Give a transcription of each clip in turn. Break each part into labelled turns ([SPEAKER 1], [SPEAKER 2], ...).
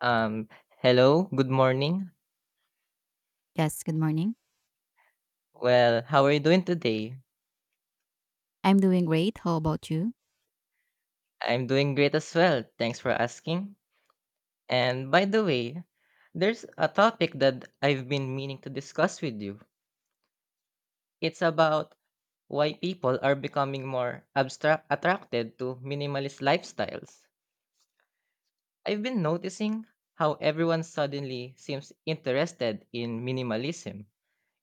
[SPEAKER 1] Um, hello, good morning.
[SPEAKER 2] Yes, good morning.
[SPEAKER 1] Well, how are you doing today?
[SPEAKER 2] I'm doing great. How about you?
[SPEAKER 1] I'm doing great as well. Thanks for asking. And by the way, there's a topic that I've been meaning to discuss with you. It's about why people are becoming more abstract attracted to minimalist lifestyles. I've been noticing how everyone suddenly seems interested in minimalism.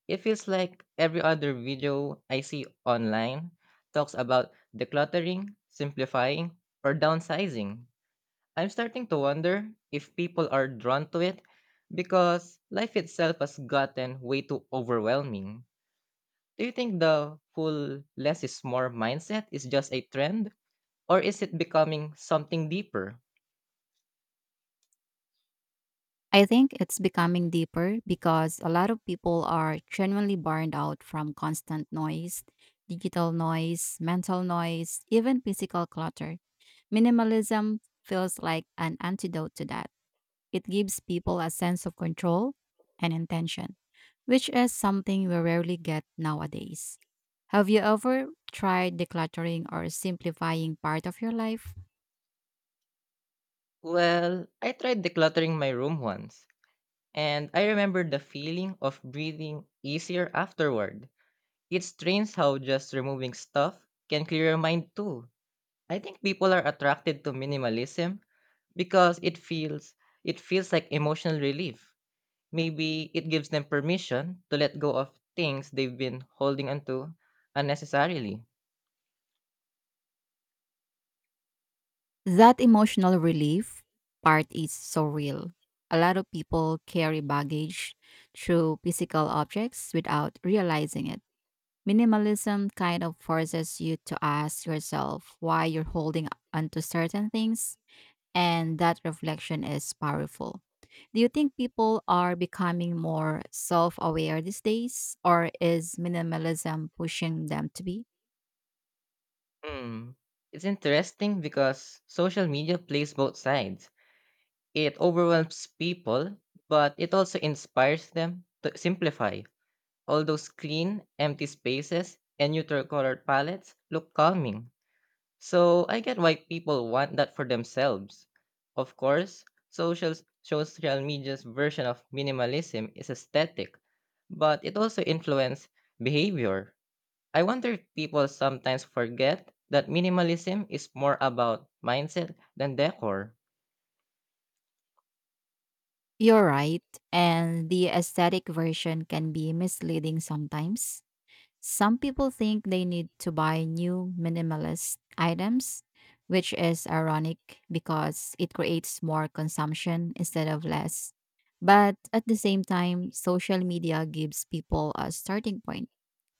[SPEAKER 1] It feels like every other video I see online talks about decluttering, simplifying, or downsizing. I'm starting to wonder if people are drawn to it because life itself has gotten way too overwhelming. Do you think the full less is more mindset is just a trend or is it becoming something deeper?
[SPEAKER 2] I think it's becoming deeper because a lot of people are genuinely burned out from constant noise, digital noise, mental noise, even physical clutter. Minimalism feels like an antidote to that. It gives people a sense of control and intention, which is something we rarely get nowadays. Have you ever tried decluttering or simplifying part of your life?
[SPEAKER 1] Well, I tried decluttering my room once and I remember the feeling of breathing easier afterward. It's strange how just removing stuff can clear your mind too. I think people are attracted to minimalism because it feels like emotional relief. Maybe it gives them permission to let go of things they've been holding onto unnecessarily.
[SPEAKER 2] That emotional relief part is so real. A lot of people carry baggage through physical objects without realizing it. Minimalism kind of forces you to ask yourself why you're holding onto certain things, and that reflection is powerful. Do you think people are becoming more self aware these days, or is minimalism pushing them to be?
[SPEAKER 1] Hmm. It's interesting because social media plays both sides. It overwhelms people, but it also inspires them to simplify. All those clean, empty spaces and neutral colored palettes look calming. So I get why people want that for themselves. Of course, social social media's version of minimalism is aesthetic, but it also influences behavior. I wonder if people sometimes forget that minimalism is more about mindset than decor.
[SPEAKER 2] You're right. And the aesthetic version can be misleading sometimes. Some people think they need to buy new minimalist items, which is ironic because it creates more consumption instead of less. But at the same time, social media gives people a starting point.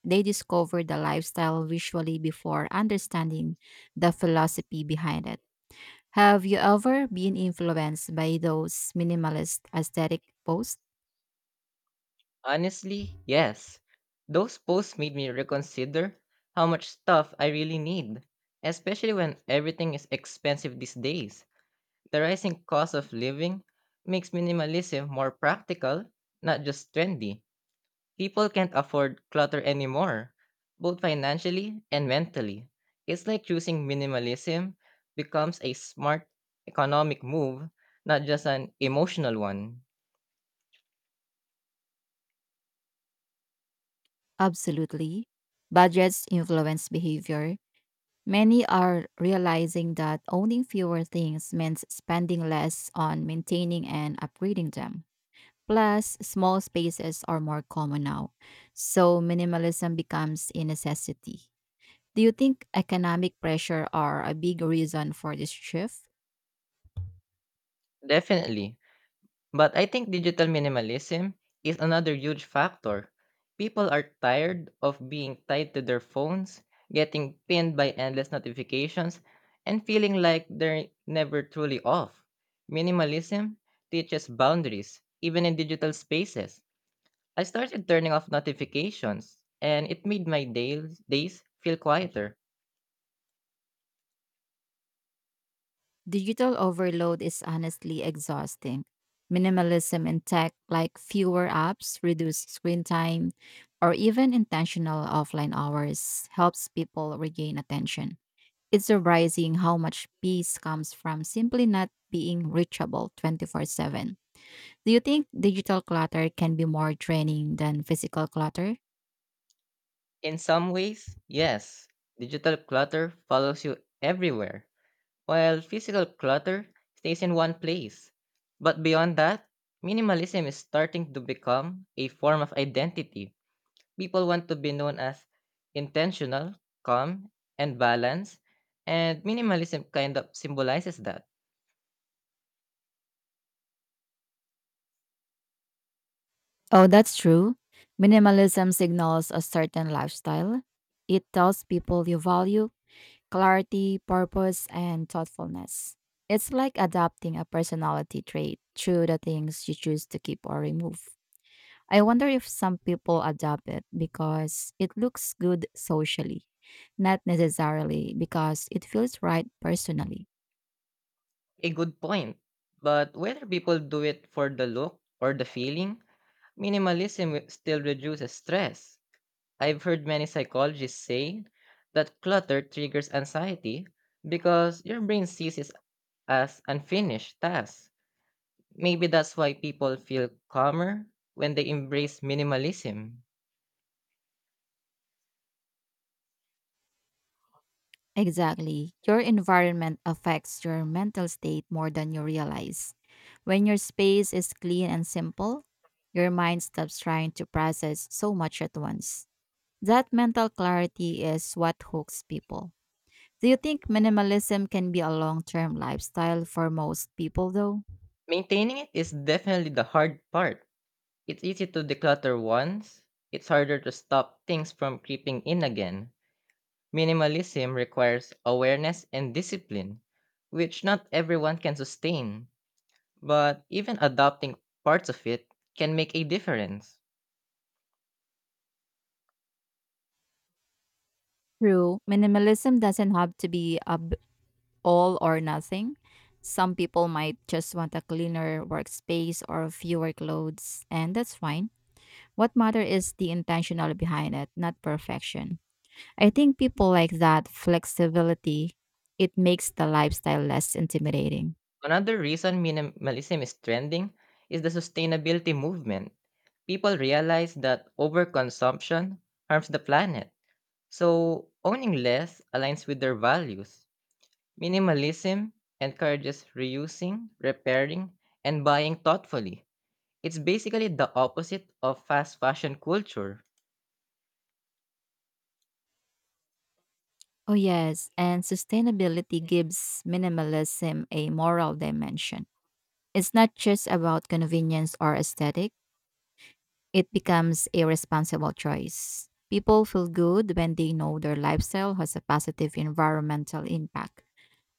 [SPEAKER 2] They discover the lifestyle visually before understanding the philosophy behind it. Have you ever been influenced by those minimalist aesthetic posts?
[SPEAKER 1] Honestly, yes. Those posts made me reconsider how much stuff I really need, especially when everything is expensive these days. The rising cost of living makes minimalism more practical, not just trendy. People can't afford clutter anymore, both financially and mentally. It's like choosing minimalism becomes a smart economic move, not just an emotional one.
[SPEAKER 2] Absolutely. Budgets influence behavior. Many are realizing that owning fewer things means spending less on maintaining and upgrading them. Plus, small spaces are more common now, so minimalism becomes a necessity. Do you think economic pressure are a big reason for this shift?
[SPEAKER 1] Definitely. But I think digital minimalism is another huge factor. People are tired of being tied to their phones, getting pinned by endless notifications, and feeling like they're never truly off. Minimalism teaches boundaries, even in digital spaces. I started turning off notifications, and it made my days feel quieter.
[SPEAKER 2] Digital overload is honestly exhausting. Minimalism in tech, like fewer apps, reduced screen time, or even intentional offline hours, helps people regain attention. It's surprising how much peace comes from simply not being reachable 24/7. Do you think digital clutter can be more draining than physical clutter?
[SPEAKER 1] In some ways, yes, digital clutter follows you everywhere while physical clutter stays in one place. But beyond that, minimalism is starting to become a form of identity. People want to be known as intentional, calm, and balanced, and minimalism kind of symbolizes that.
[SPEAKER 2] Oh, that's true. Minimalism signals a certain lifestyle. It tells people you value clarity, purpose, and thoughtfulness. It's like adopting a personality trait through the things you choose to keep or remove. I wonder if some people adopt it because it looks good socially, not necessarily because it feels right personally.
[SPEAKER 1] A good point, but whether people do it for the look or the feeling, minimalism still reduces stress. I've heard many psychologists say that clutter triggers anxiety because your brain sees as unfinished tasks. Maybe that's why people feel calmer when they embrace minimalism.
[SPEAKER 2] Exactly. Your environment affects your mental state more than you realize. When your space is clean and simple, your mind stops trying to process so much at once. That mental clarity is what hooks people. Do you think minimalism can be a long term lifestyle for most people, though?
[SPEAKER 1] Maintaining it is definitely the hard part. It's easy to declutter once, it's harder to stop things from creeping in again. Minimalism requires awareness and discipline, which not everyone can sustain, but even adopting parts of it can make a difference.
[SPEAKER 2] True, minimalism doesn't have to be a all or nothing. Some people might just want a cleaner workspace or fewer clothes, and that's fine. What matter is the intentional behind it, not perfection. I think people like that flexibility. It makes the lifestyle less intimidating.
[SPEAKER 1] Another reason minimalism is trending is the sustainability movement. People realize that overconsumption harms the planet. So, owning less aligns with their values. Minimalism encourages reusing, repairing, and buying thoughtfully. It's basically the opposite of fast fashion culture.
[SPEAKER 2] Oh, yes. And sustainability gives minimalism a moral dimension. It's not just about convenience or aesthetic, it becomes a responsible choice. People feel good when they know their lifestyle has a positive environmental impact.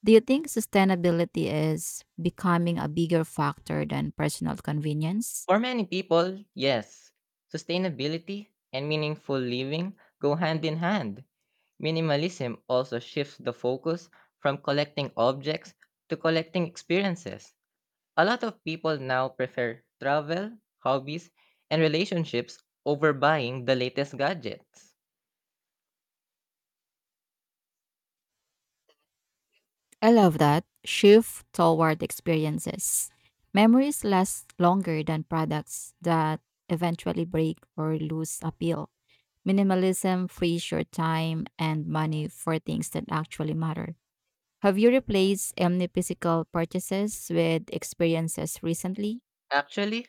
[SPEAKER 2] Do you think sustainability is becoming a bigger factor than personal convenience?
[SPEAKER 1] For many people, yes, sustainability and meaningful living go hand in hand. Minimalism also shifts the focus from collecting objects to collecting experiences. A lot of people now prefer travel, hobbies, and relationships over buying the latest gadgets.
[SPEAKER 2] I love that shift toward experiences. Memories last longer than products that eventually break or lose appeal. Minimalism frees your time and money for things that actually matter. Have you replaced omni physical purchases with experiences recently?
[SPEAKER 1] Actually,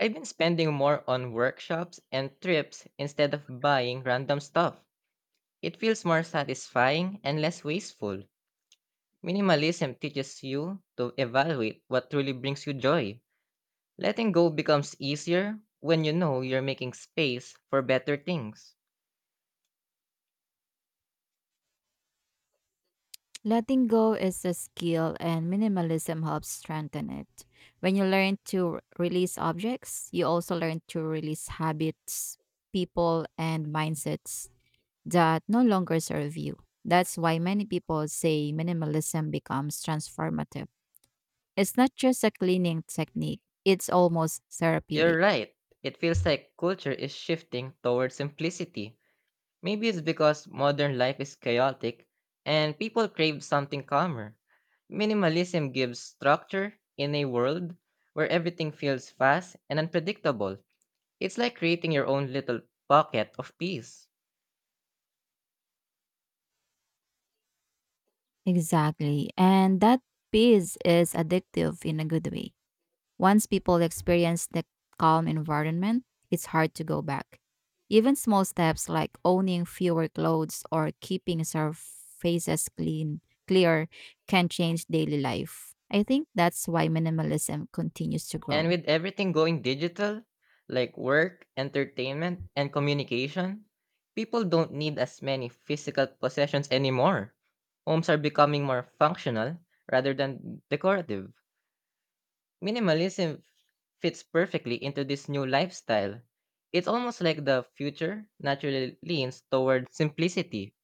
[SPEAKER 1] I've been spending more on workshops and trips instead of buying random stuff. It feels more satisfying and less wasteful. Minimalism teaches you to evaluate what truly brings you joy. Letting go becomes easier when you know you're making space for better things.
[SPEAKER 2] Letting go is a skill, and minimalism helps strengthen it. When you learn to release objects, you also learn to release habits, people, and mindsets that no longer serve you. That's why many people say minimalism becomes transformative. It's not just a cleaning technique, it's almost
[SPEAKER 1] You're
[SPEAKER 2] therapeutic.
[SPEAKER 1] right, it feels like culture is shifting towards simplicity. Maybe it's because modern life is chaotic and people crave something calmer. Minimalism gives structure in a world where everything feels fast and unpredictable. It's like creating your own little pocket of peace.
[SPEAKER 2] Exactly. And that peace is addictive in a good way. Once people experience the calm environment, it's hard to go back. Even small steps like owning fewer clothes or keeping surfaces clear can change daily life. I think that's why minimalism continues to
[SPEAKER 1] And
[SPEAKER 2] grow.
[SPEAKER 1] with everything going digital, like work, entertainment, and communication, people don't need as many physical possessions anymore. Homes are becoming more functional rather than decorative. Minimalism fits perfectly into this new lifestyle. It's almost like the future naturally leans toward simplicity.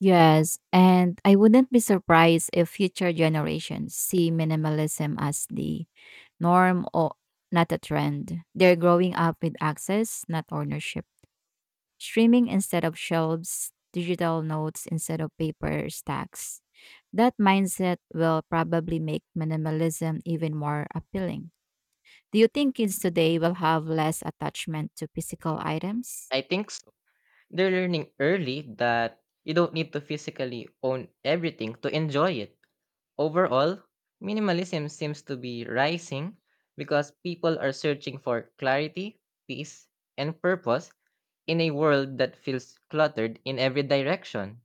[SPEAKER 2] Yes, and I wouldn't be surprised if future generations see minimalism as the norm or not a trend. They're growing up with access, not ownership. Streaming instead of shelves, digital notes instead of paper stacks. That mindset will probably make minimalism even more appealing. Do you think kids today will have less attachment to physical items?
[SPEAKER 1] I think so. They're learning early that you don't need to physically own everything to enjoy it. Overall, minimalism seems to be rising because people are searching for clarity, peace, and purpose in a world that feels cluttered in every direction.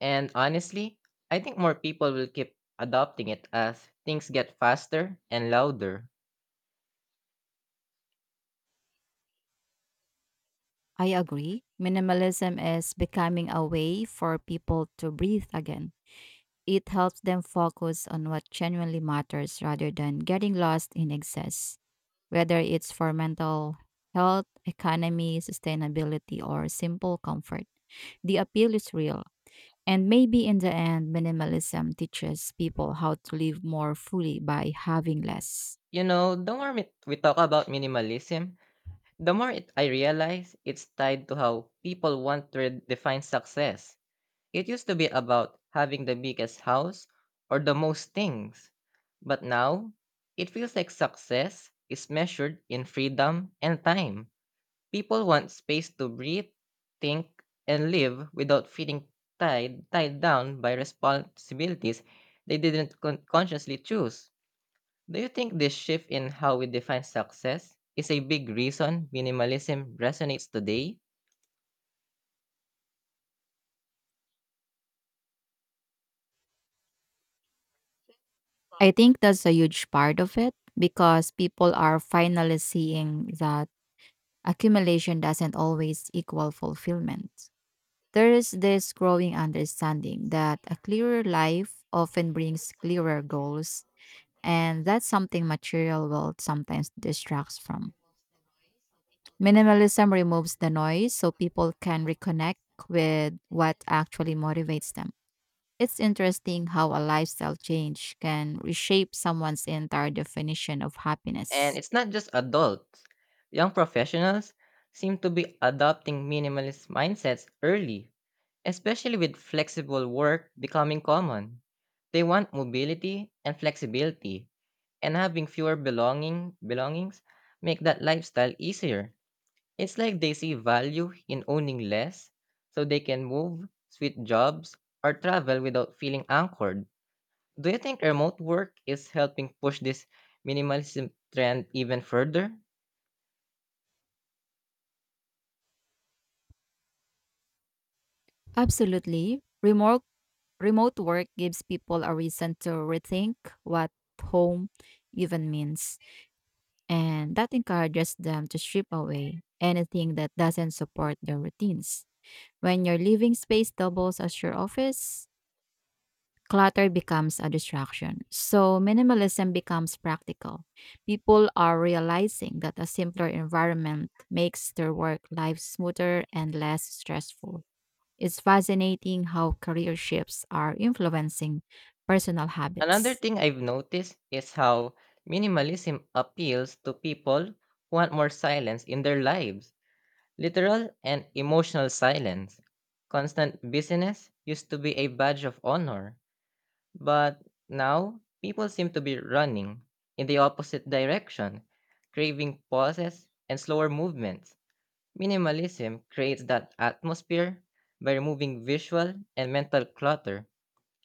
[SPEAKER 1] And honestly, I think more people will keep adopting it as things get faster and louder.
[SPEAKER 2] I agree. Minimalism is becoming a way for people to breathe again. It helps them focus on what genuinely matters rather than getting lost in excess, whether it's for mental health, economy, sustainability, or simple comfort. The appeal is real. And maybe in the end, minimalism teaches people how to live more fully by having less.
[SPEAKER 1] The more we talk about minimalism, the more I realize it's tied to how people want to define success. It used to be about having the biggest house or the most things. But now, it feels like success is measured in freedom and time. People want space to breathe, think, and live without feeling tied down by responsibilities they didn't consciously choose. Do you think this shift in how we define success is a big reason minimalism resonates today?
[SPEAKER 2] I think that's a huge part of it because people are finally seeing that accumulation doesn't always equal fulfillment. There is this growing understanding that a clearer life often brings clearer goals. And that's something material world sometimes distracts from. Minimalism removes the noise so people can reconnect with what actually motivates them. It's interesting how a lifestyle change can reshape someone's entire definition of
[SPEAKER 1] And
[SPEAKER 2] happiness.
[SPEAKER 1] it's not just adults. Young professionals seem to be adopting minimalist mindsets early, especially with flexible work becoming common. They want mobility and flexibility, and having fewer belongings make that lifestyle easier. It's like they see value in owning less so they can move, switch jobs, or travel without feeling anchored. Do you think remote work is helping push this minimalism trend even further?
[SPEAKER 2] Absolutely. Remote work gives people a reason to rethink what home even means. And that encourages them to strip away anything that doesn't support their routines. When your living space doubles as your office, clutter becomes a distraction. So, minimalism becomes practical. People are realizing that a simpler environment makes their work life smoother and less stressful. It's fascinating how career shifts are influencing personal
[SPEAKER 1] Another
[SPEAKER 2] habits.
[SPEAKER 1] thing I've noticed is how minimalism appeals to people who want more silence in their lives. Literal and emotional silence. Constant busyness used to be a badge of honor, but now people seem to be running in the opposite direction, craving pauses and slower movements. Minimalism creates that atmosphere by removing visual and mental clutter.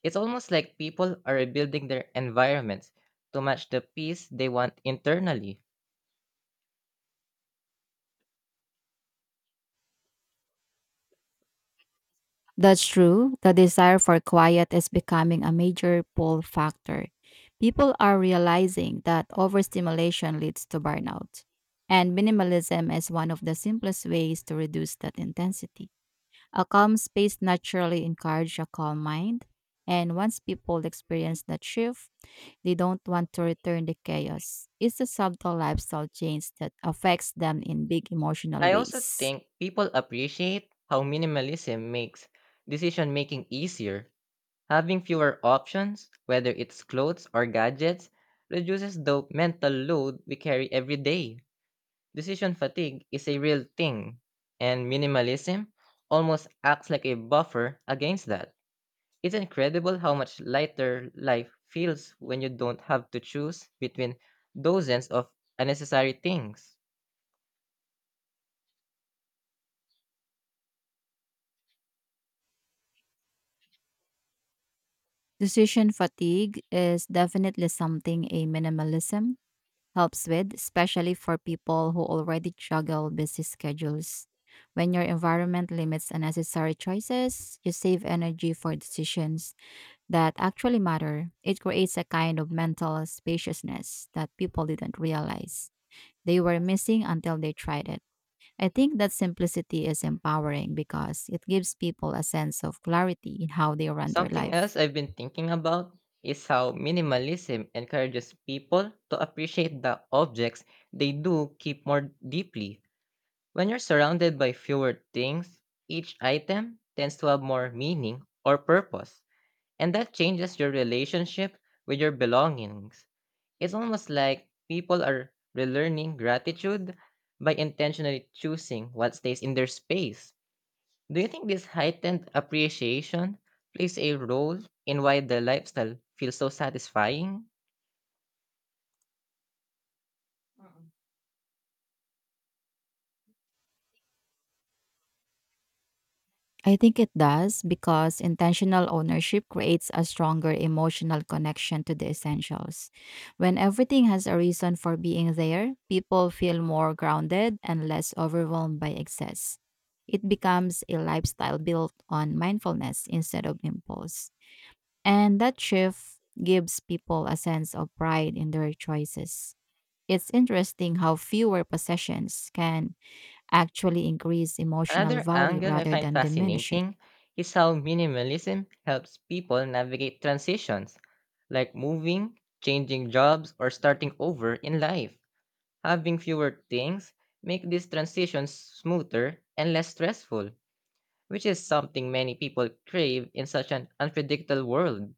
[SPEAKER 1] It's almost like people are rebuilding their environments to match the peace they want internally.
[SPEAKER 2] That's true. The desire for quiet is becoming a major pull factor. People are realizing that overstimulation leads to burnout. And minimalism is one of the simplest ways to reduce that intensity. A calm space naturally encourages a calm mind. And once people experience that shift, they don't want to return to chaos. It's a subtle lifestyle change that affects them in big emotional
[SPEAKER 1] I also
[SPEAKER 2] ways.
[SPEAKER 1] think people appreciate how minimalism makes decision making easier. Having fewer options, whether it's clothes or gadgets, reduces the mental load we carry every day. Decision fatigue is a real thing, and minimalism almost acts like a buffer against that. It's incredible how much lighter life feels when you don't have to choose between dozens of unnecessary things.
[SPEAKER 2] Decision fatigue is definitely something a minimalism helps with, especially for people who already juggle busy schedules. When your environment limits unnecessary choices, you save energy for decisions that actually matter. It creates a kind of mental spaciousness that people didn't realize they were missing until they tried it. I think that simplicity is empowering because it gives people a sense of clarity in how they run their
[SPEAKER 1] Something else
[SPEAKER 2] life.
[SPEAKER 1] I've been thinking about is how minimalism encourages people to appreciate the objects they do keep more deeply. When you're surrounded by fewer things, each item tends to have more meaning or purpose, and that changes your relationship with your belongings. It's almost like people are relearning gratitude by intentionally choosing what stays in their space. Do you think this heightened appreciation plays a role in why the lifestyle feels so satisfying?
[SPEAKER 2] I think it does because intentional ownership creates a stronger emotional connection to the essentials. When everything has a reason for being there, people feel more grounded and less overwhelmed by excess. It becomes a lifestyle built on mindfulness instead of impulse. And that shift gives people a sense of pride in their choices. It's interesting how fewer possessions can actually increase emotional
[SPEAKER 1] Another
[SPEAKER 2] value
[SPEAKER 1] angle I
[SPEAKER 2] rather
[SPEAKER 1] find
[SPEAKER 2] than diminish it.
[SPEAKER 1] fascinating is how minimalism helps people navigate transitions, like moving, changing jobs, or starting over in life. Having fewer things make these transitions smoother and less stressful, which is something many people crave in such an unpredictable world.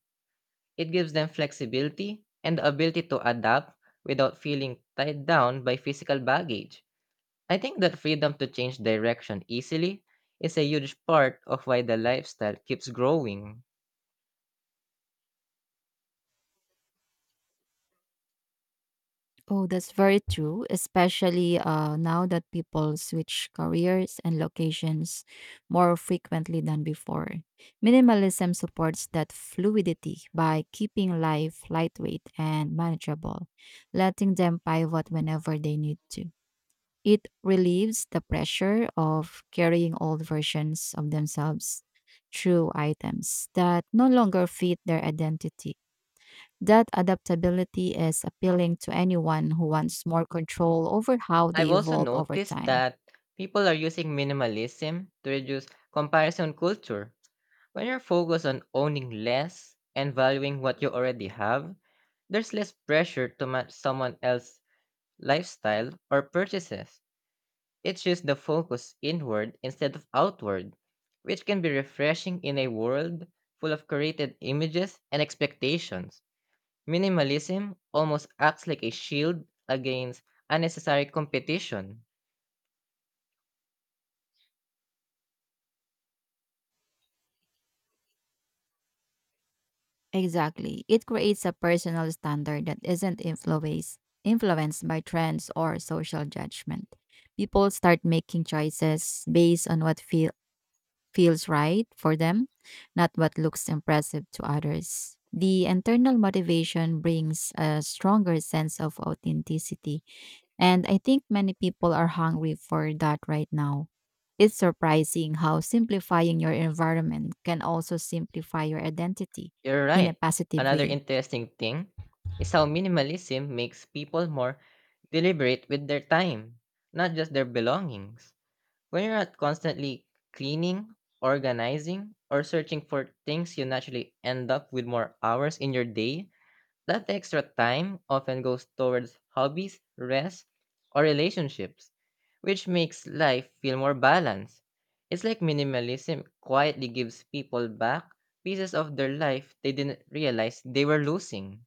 [SPEAKER 1] It gives them flexibility and the ability to adapt without feeling tied down by physical baggage. I think that freedom to change direction easily is a huge part of why the lifestyle keeps growing.
[SPEAKER 2] Oh, that's very true, especially now that people switch careers and locations more frequently than before. Minimalism supports that fluidity by keeping life lightweight and manageable, letting them pivot whenever they need to. It relieves the pressure of carrying old versions of themselves through items that no longer fit their identity. That adaptability is appealing to anyone who wants more control over how
[SPEAKER 1] I've
[SPEAKER 2] they
[SPEAKER 1] also
[SPEAKER 2] evolve over
[SPEAKER 1] noticed
[SPEAKER 2] time.
[SPEAKER 1] that people are using minimalism to reduce comparison culture. When you're focused on owning less and valuing what you already have, there's less pressure to match someone else's lifestyle or purchases. It shifts the focus inward instead of outward, which can be refreshing in a world full of created images and expectations. Minimalism almost acts like a shield against unnecessary competition.
[SPEAKER 2] Exactly. It creates a personal standard that isn't influenced by trends or social judgment. People start making choices based on what feels right for them, not what looks impressive to others. The internal motivation brings a stronger sense of authenticity, and I think many people are hungry for that right now. It's surprising how simplifying your environment can also simplify your identity
[SPEAKER 1] You're
[SPEAKER 2] in a
[SPEAKER 1] right.
[SPEAKER 2] positive
[SPEAKER 1] Another
[SPEAKER 2] way.
[SPEAKER 1] interesting thing is how minimalism makes people more deliberate with their time, not just their belongings. When you're not constantly cleaning, organizing, or searching for things, you naturally end up with more hours in your day. That extra time often goes towards hobbies, rest, or relationships, which makes life feel more balanced. It's like minimalism quietly gives people back pieces of their life they didn't realize they were losing.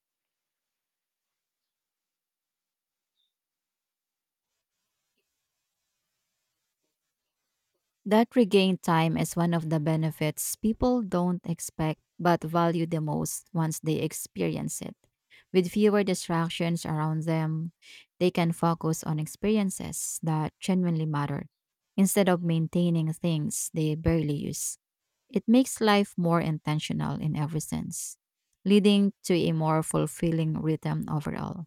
[SPEAKER 2] That regained time is one of the benefits people don't expect but value the most once they experience it. With fewer distractions around them, they can focus on experiences that genuinely matter instead of maintaining things they barely use. It makes life more intentional in every sense, leading to a more fulfilling rhythm overall.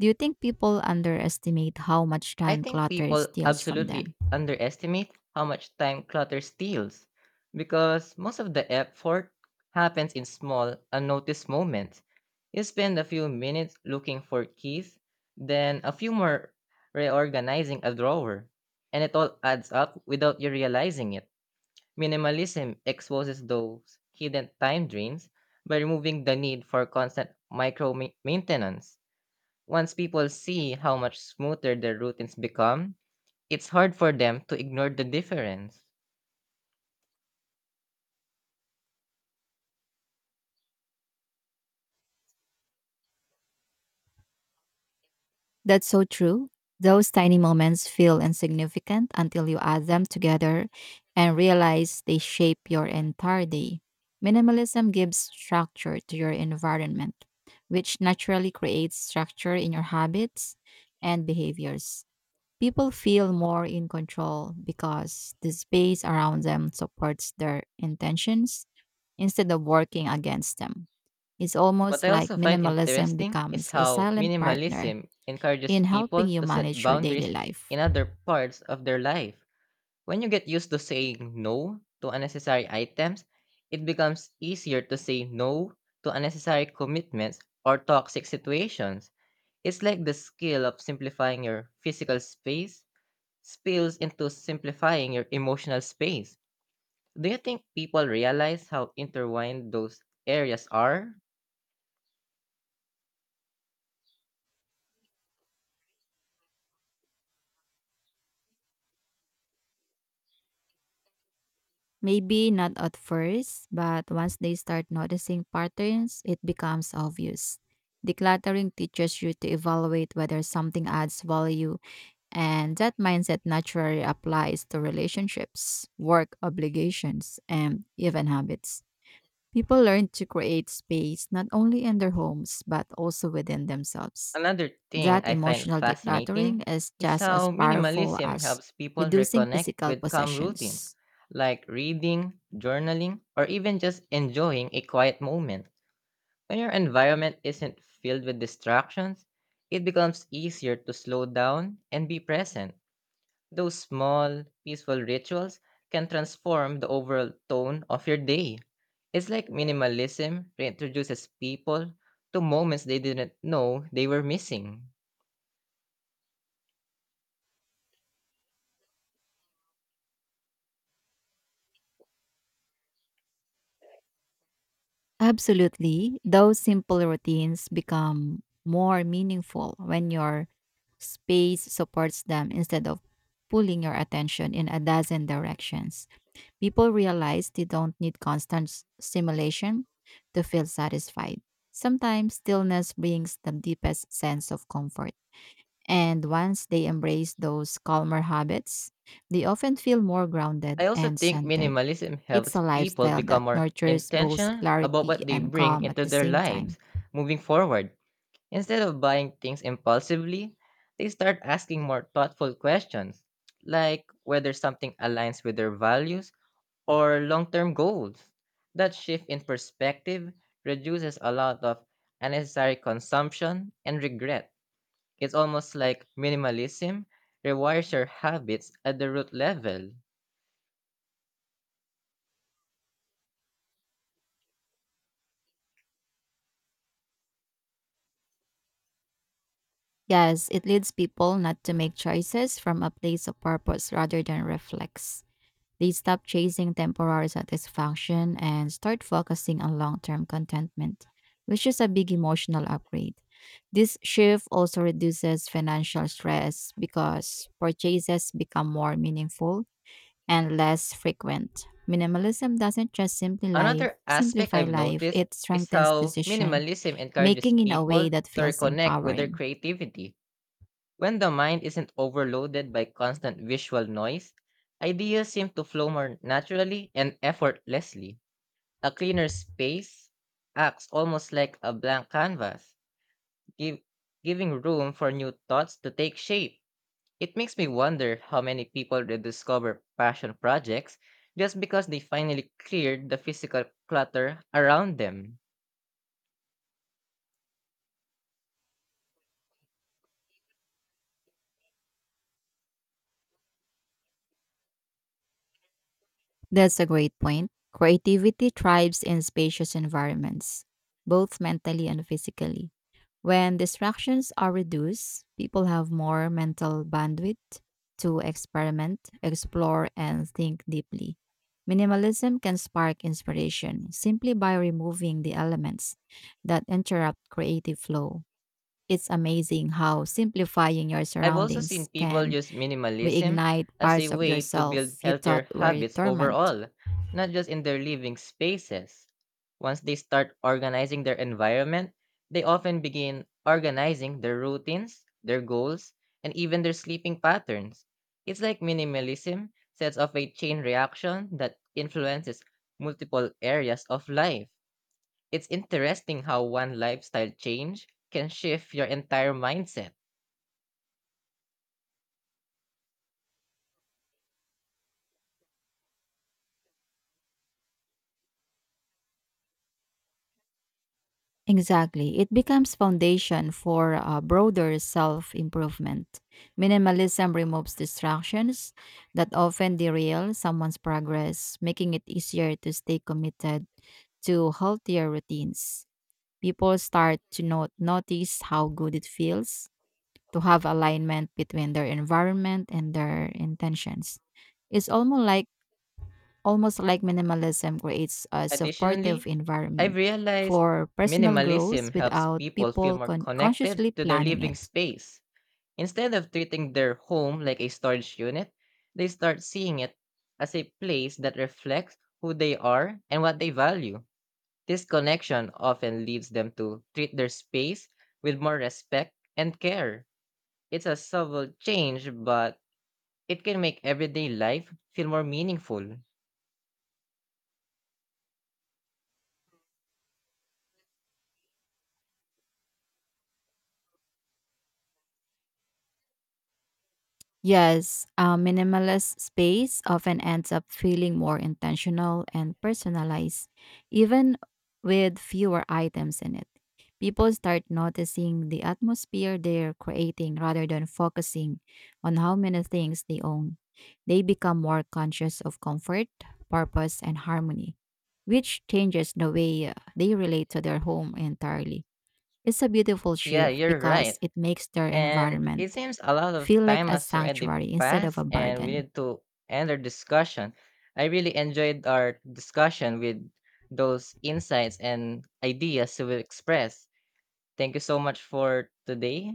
[SPEAKER 2] Do you think people underestimate how much
[SPEAKER 1] I
[SPEAKER 2] time
[SPEAKER 1] think
[SPEAKER 2] clutter
[SPEAKER 1] people
[SPEAKER 2] steals from
[SPEAKER 1] absolutely
[SPEAKER 2] them?
[SPEAKER 1] underestimate how much time clutter steals because most of the effort happens in small, unnoticed moments. You spend a few minutes looking for keys, then a few more reorganizing a drawer, and it all adds up without you realizing it. Minimalism exposes those hidden time drains by removing the need for constant micro maintenance. Once people see how much smoother their routines become, it's hard for them to ignore the difference.
[SPEAKER 2] That's so true. Those tiny moments feel insignificant until you add them together and realize they shape your entire day. Minimalism gives structure to your environment, which naturally creates structure in your habits and behaviors. People feel more in control because the space around them supports their intentions instead of working against them. It's
[SPEAKER 1] What
[SPEAKER 2] almost
[SPEAKER 1] I
[SPEAKER 2] like
[SPEAKER 1] also find
[SPEAKER 2] minimalism
[SPEAKER 1] interesting is
[SPEAKER 2] becomes a
[SPEAKER 1] how
[SPEAKER 2] silent partner
[SPEAKER 1] minimalism encourages
[SPEAKER 2] in
[SPEAKER 1] people
[SPEAKER 2] helping you
[SPEAKER 1] to set
[SPEAKER 2] manage your daily
[SPEAKER 1] boundaries in
[SPEAKER 2] life.
[SPEAKER 1] other parts of their life. When you get used to saying no to unnecessary items, it becomes easier to say no to unnecessary commitments or toxic situations. It's like the skill of simplifying your physical space spills into simplifying your emotional space. Do you think people realize how intertwined those areas are?
[SPEAKER 2] Maybe not at first, but once they start noticing patterns, it becomes obvious. Decluttering teaches you to evaluate whether something adds value, and that mindset naturally applies to relationships, work obligations, and even habits. People learn to create space not only in their homes, but also within themselves.
[SPEAKER 1] Another thing
[SPEAKER 2] That
[SPEAKER 1] I find
[SPEAKER 2] emotional
[SPEAKER 1] fascinating
[SPEAKER 2] decluttering is
[SPEAKER 1] is
[SPEAKER 2] just as
[SPEAKER 1] how
[SPEAKER 2] powerful
[SPEAKER 1] minimalism
[SPEAKER 2] as
[SPEAKER 1] helps people
[SPEAKER 2] reducing
[SPEAKER 1] reconnect
[SPEAKER 2] physical
[SPEAKER 1] with calm routines,
[SPEAKER 2] possessions.
[SPEAKER 1] like reading, journaling, or even just enjoying a quiet moment. When your environment isn't filled with distractions, it becomes easier to slow down and be present. Those small, peaceful rituals can transform the overall tone of your day. It's like minimalism reintroduces people to moments they didn't know they were missing.
[SPEAKER 2] Absolutely. Those simple routines become more meaningful when your space supports them instead of pulling your attention in a dozen directions. People realize they don't need constant stimulation to feel satisfied. Sometimes stillness brings the deepest sense of comfort. And once they embrace those calmer habits, they often feel more
[SPEAKER 1] I
[SPEAKER 2] grounded
[SPEAKER 1] also
[SPEAKER 2] and
[SPEAKER 1] think
[SPEAKER 2] centered.
[SPEAKER 1] minimalism
[SPEAKER 2] It's
[SPEAKER 1] helps
[SPEAKER 2] a
[SPEAKER 1] people
[SPEAKER 2] lifestyle
[SPEAKER 1] become
[SPEAKER 2] that
[SPEAKER 1] more
[SPEAKER 2] nurtures both
[SPEAKER 1] intentional about
[SPEAKER 2] clarity
[SPEAKER 1] what they
[SPEAKER 2] and
[SPEAKER 1] bring
[SPEAKER 2] calm at
[SPEAKER 1] into
[SPEAKER 2] the
[SPEAKER 1] their
[SPEAKER 2] same time.
[SPEAKER 1] lives moving forward. Instead of buying things impulsively, they start asking more thoughtful questions, like whether something aligns with their values or long term goals. That shift in perspective reduces a lot of unnecessary consumption and regret. It's almost like minimalism rewires your habits at the root level.
[SPEAKER 2] Yes, it leads people not to make choices from a place of purpose rather than reflex. They stop chasing temporary satisfaction and start focusing on long term contentment, which is a big emotional upgrade. This shift also reduces financial stress because purchases become more meaningful and less frequent. Minimalism doesn't just
[SPEAKER 1] Another aspect
[SPEAKER 2] simplify
[SPEAKER 1] I've
[SPEAKER 2] life,
[SPEAKER 1] noticed
[SPEAKER 2] it
[SPEAKER 1] is
[SPEAKER 2] strengthens
[SPEAKER 1] how
[SPEAKER 2] decision
[SPEAKER 1] minimalism encourages
[SPEAKER 2] making in a way
[SPEAKER 1] people
[SPEAKER 2] that
[SPEAKER 1] to
[SPEAKER 2] feels
[SPEAKER 1] reconnect with their
[SPEAKER 2] empowering.
[SPEAKER 1] creativity. When the mind isn't overloaded by constant visual noise, ideas seem to flow more naturally and effortlessly. A cleaner space acts almost like a blank canvas, give, giving room for new thoughts to take shape. It makes me wonder how many people rediscover passion projects just because they finally cleared the physical clutter around them.
[SPEAKER 2] That's a great point. Creativity thrives in spacious environments, both mentally and physically. When distractions are reduced, people have more mental bandwidth to experiment, explore, and think deeply. Minimalism can spark inspiration simply by removing the elements that interrupt creative flow. It's amazing how simplifying your
[SPEAKER 1] I've also
[SPEAKER 2] surroundings
[SPEAKER 1] seen people
[SPEAKER 2] can
[SPEAKER 1] use minimalism
[SPEAKER 2] reignite
[SPEAKER 1] as a
[SPEAKER 2] parts of
[SPEAKER 1] way to build
[SPEAKER 2] yourself you thought
[SPEAKER 1] healthier
[SPEAKER 2] were
[SPEAKER 1] habits
[SPEAKER 2] dormant.
[SPEAKER 1] overall, not just in their living spaces. Once they start organizing their environment, they often begin organizing their routines, their goals, and even their sleeping patterns. It's like minimalism sets off a chain reaction that influences multiple areas of life. It's interesting how one lifestyle change can shift your entire mindset.
[SPEAKER 2] Exactly. It becomes foundation for a broader self-improvement. Minimalism removes distractions that often derail someone's progress, making it easier to stay committed to healthier routines. People start to notice how good it feels to have alignment between their environment and their intentions. It's almost like minimalism creates a supportive
[SPEAKER 1] Additionally, I've
[SPEAKER 2] environment
[SPEAKER 1] realized
[SPEAKER 2] for personal growth
[SPEAKER 1] minimalism helps
[SPEAKER 2] without
[SPEAKER 1] people feel
[SPEAKER 2] people
[SPEAKER 1] more connected
[SPEAKER 2] consciously
[SPEAKER 1] to their
[SPEAKER 2] planning
[SPEAKER 1] living
[SPEAKER 2] it.
[SPEAKER 1] space. Instead of treating their home like a storage unit, they start seeing it as a place that reflects who they are and what they value. This connection often leads them to treat their space with more respect and care. It's a subtle change, but it can make everyday life feel more meaningful.
[SPEAKER 2] Yes, a minimalist space often ends up feeling more intentional and personalized, even with fewer items in it. People start noticing the atmosphere they're creating rather than focusing on how many things they own. They become more conscious of comfort, purpose, and harmony, which changes the way they relate to their home entirely. It's a beautiful
[SPEAKER 1] Yeah,
[SPEAKER 2] shift
[SPEAKER 1] you're
[SPEAKER 2] because
[SPEAKER 1] right.
[SPEAKER 2] it makes their
[SPEAKER 1] And
[SPEAKER 2] environment
[SPEAKER 1] it seems a lot of
[SPEAKER 2] feel like
[SPEAKER 1] time
[SPEAKER 2] a
[SPEAKER 1] has already
[SPEAKER 2] sanctuary instead of
[SPEAKER 1] passed,
[SPEAKER 2] a
[SPEAKER 1] and we
[SPEAKER 2] burden.
[SPEAKER 1] need to end our discussion. I really enjoyed our discussion with those insights and ideas you expressed. Thank you so much for today.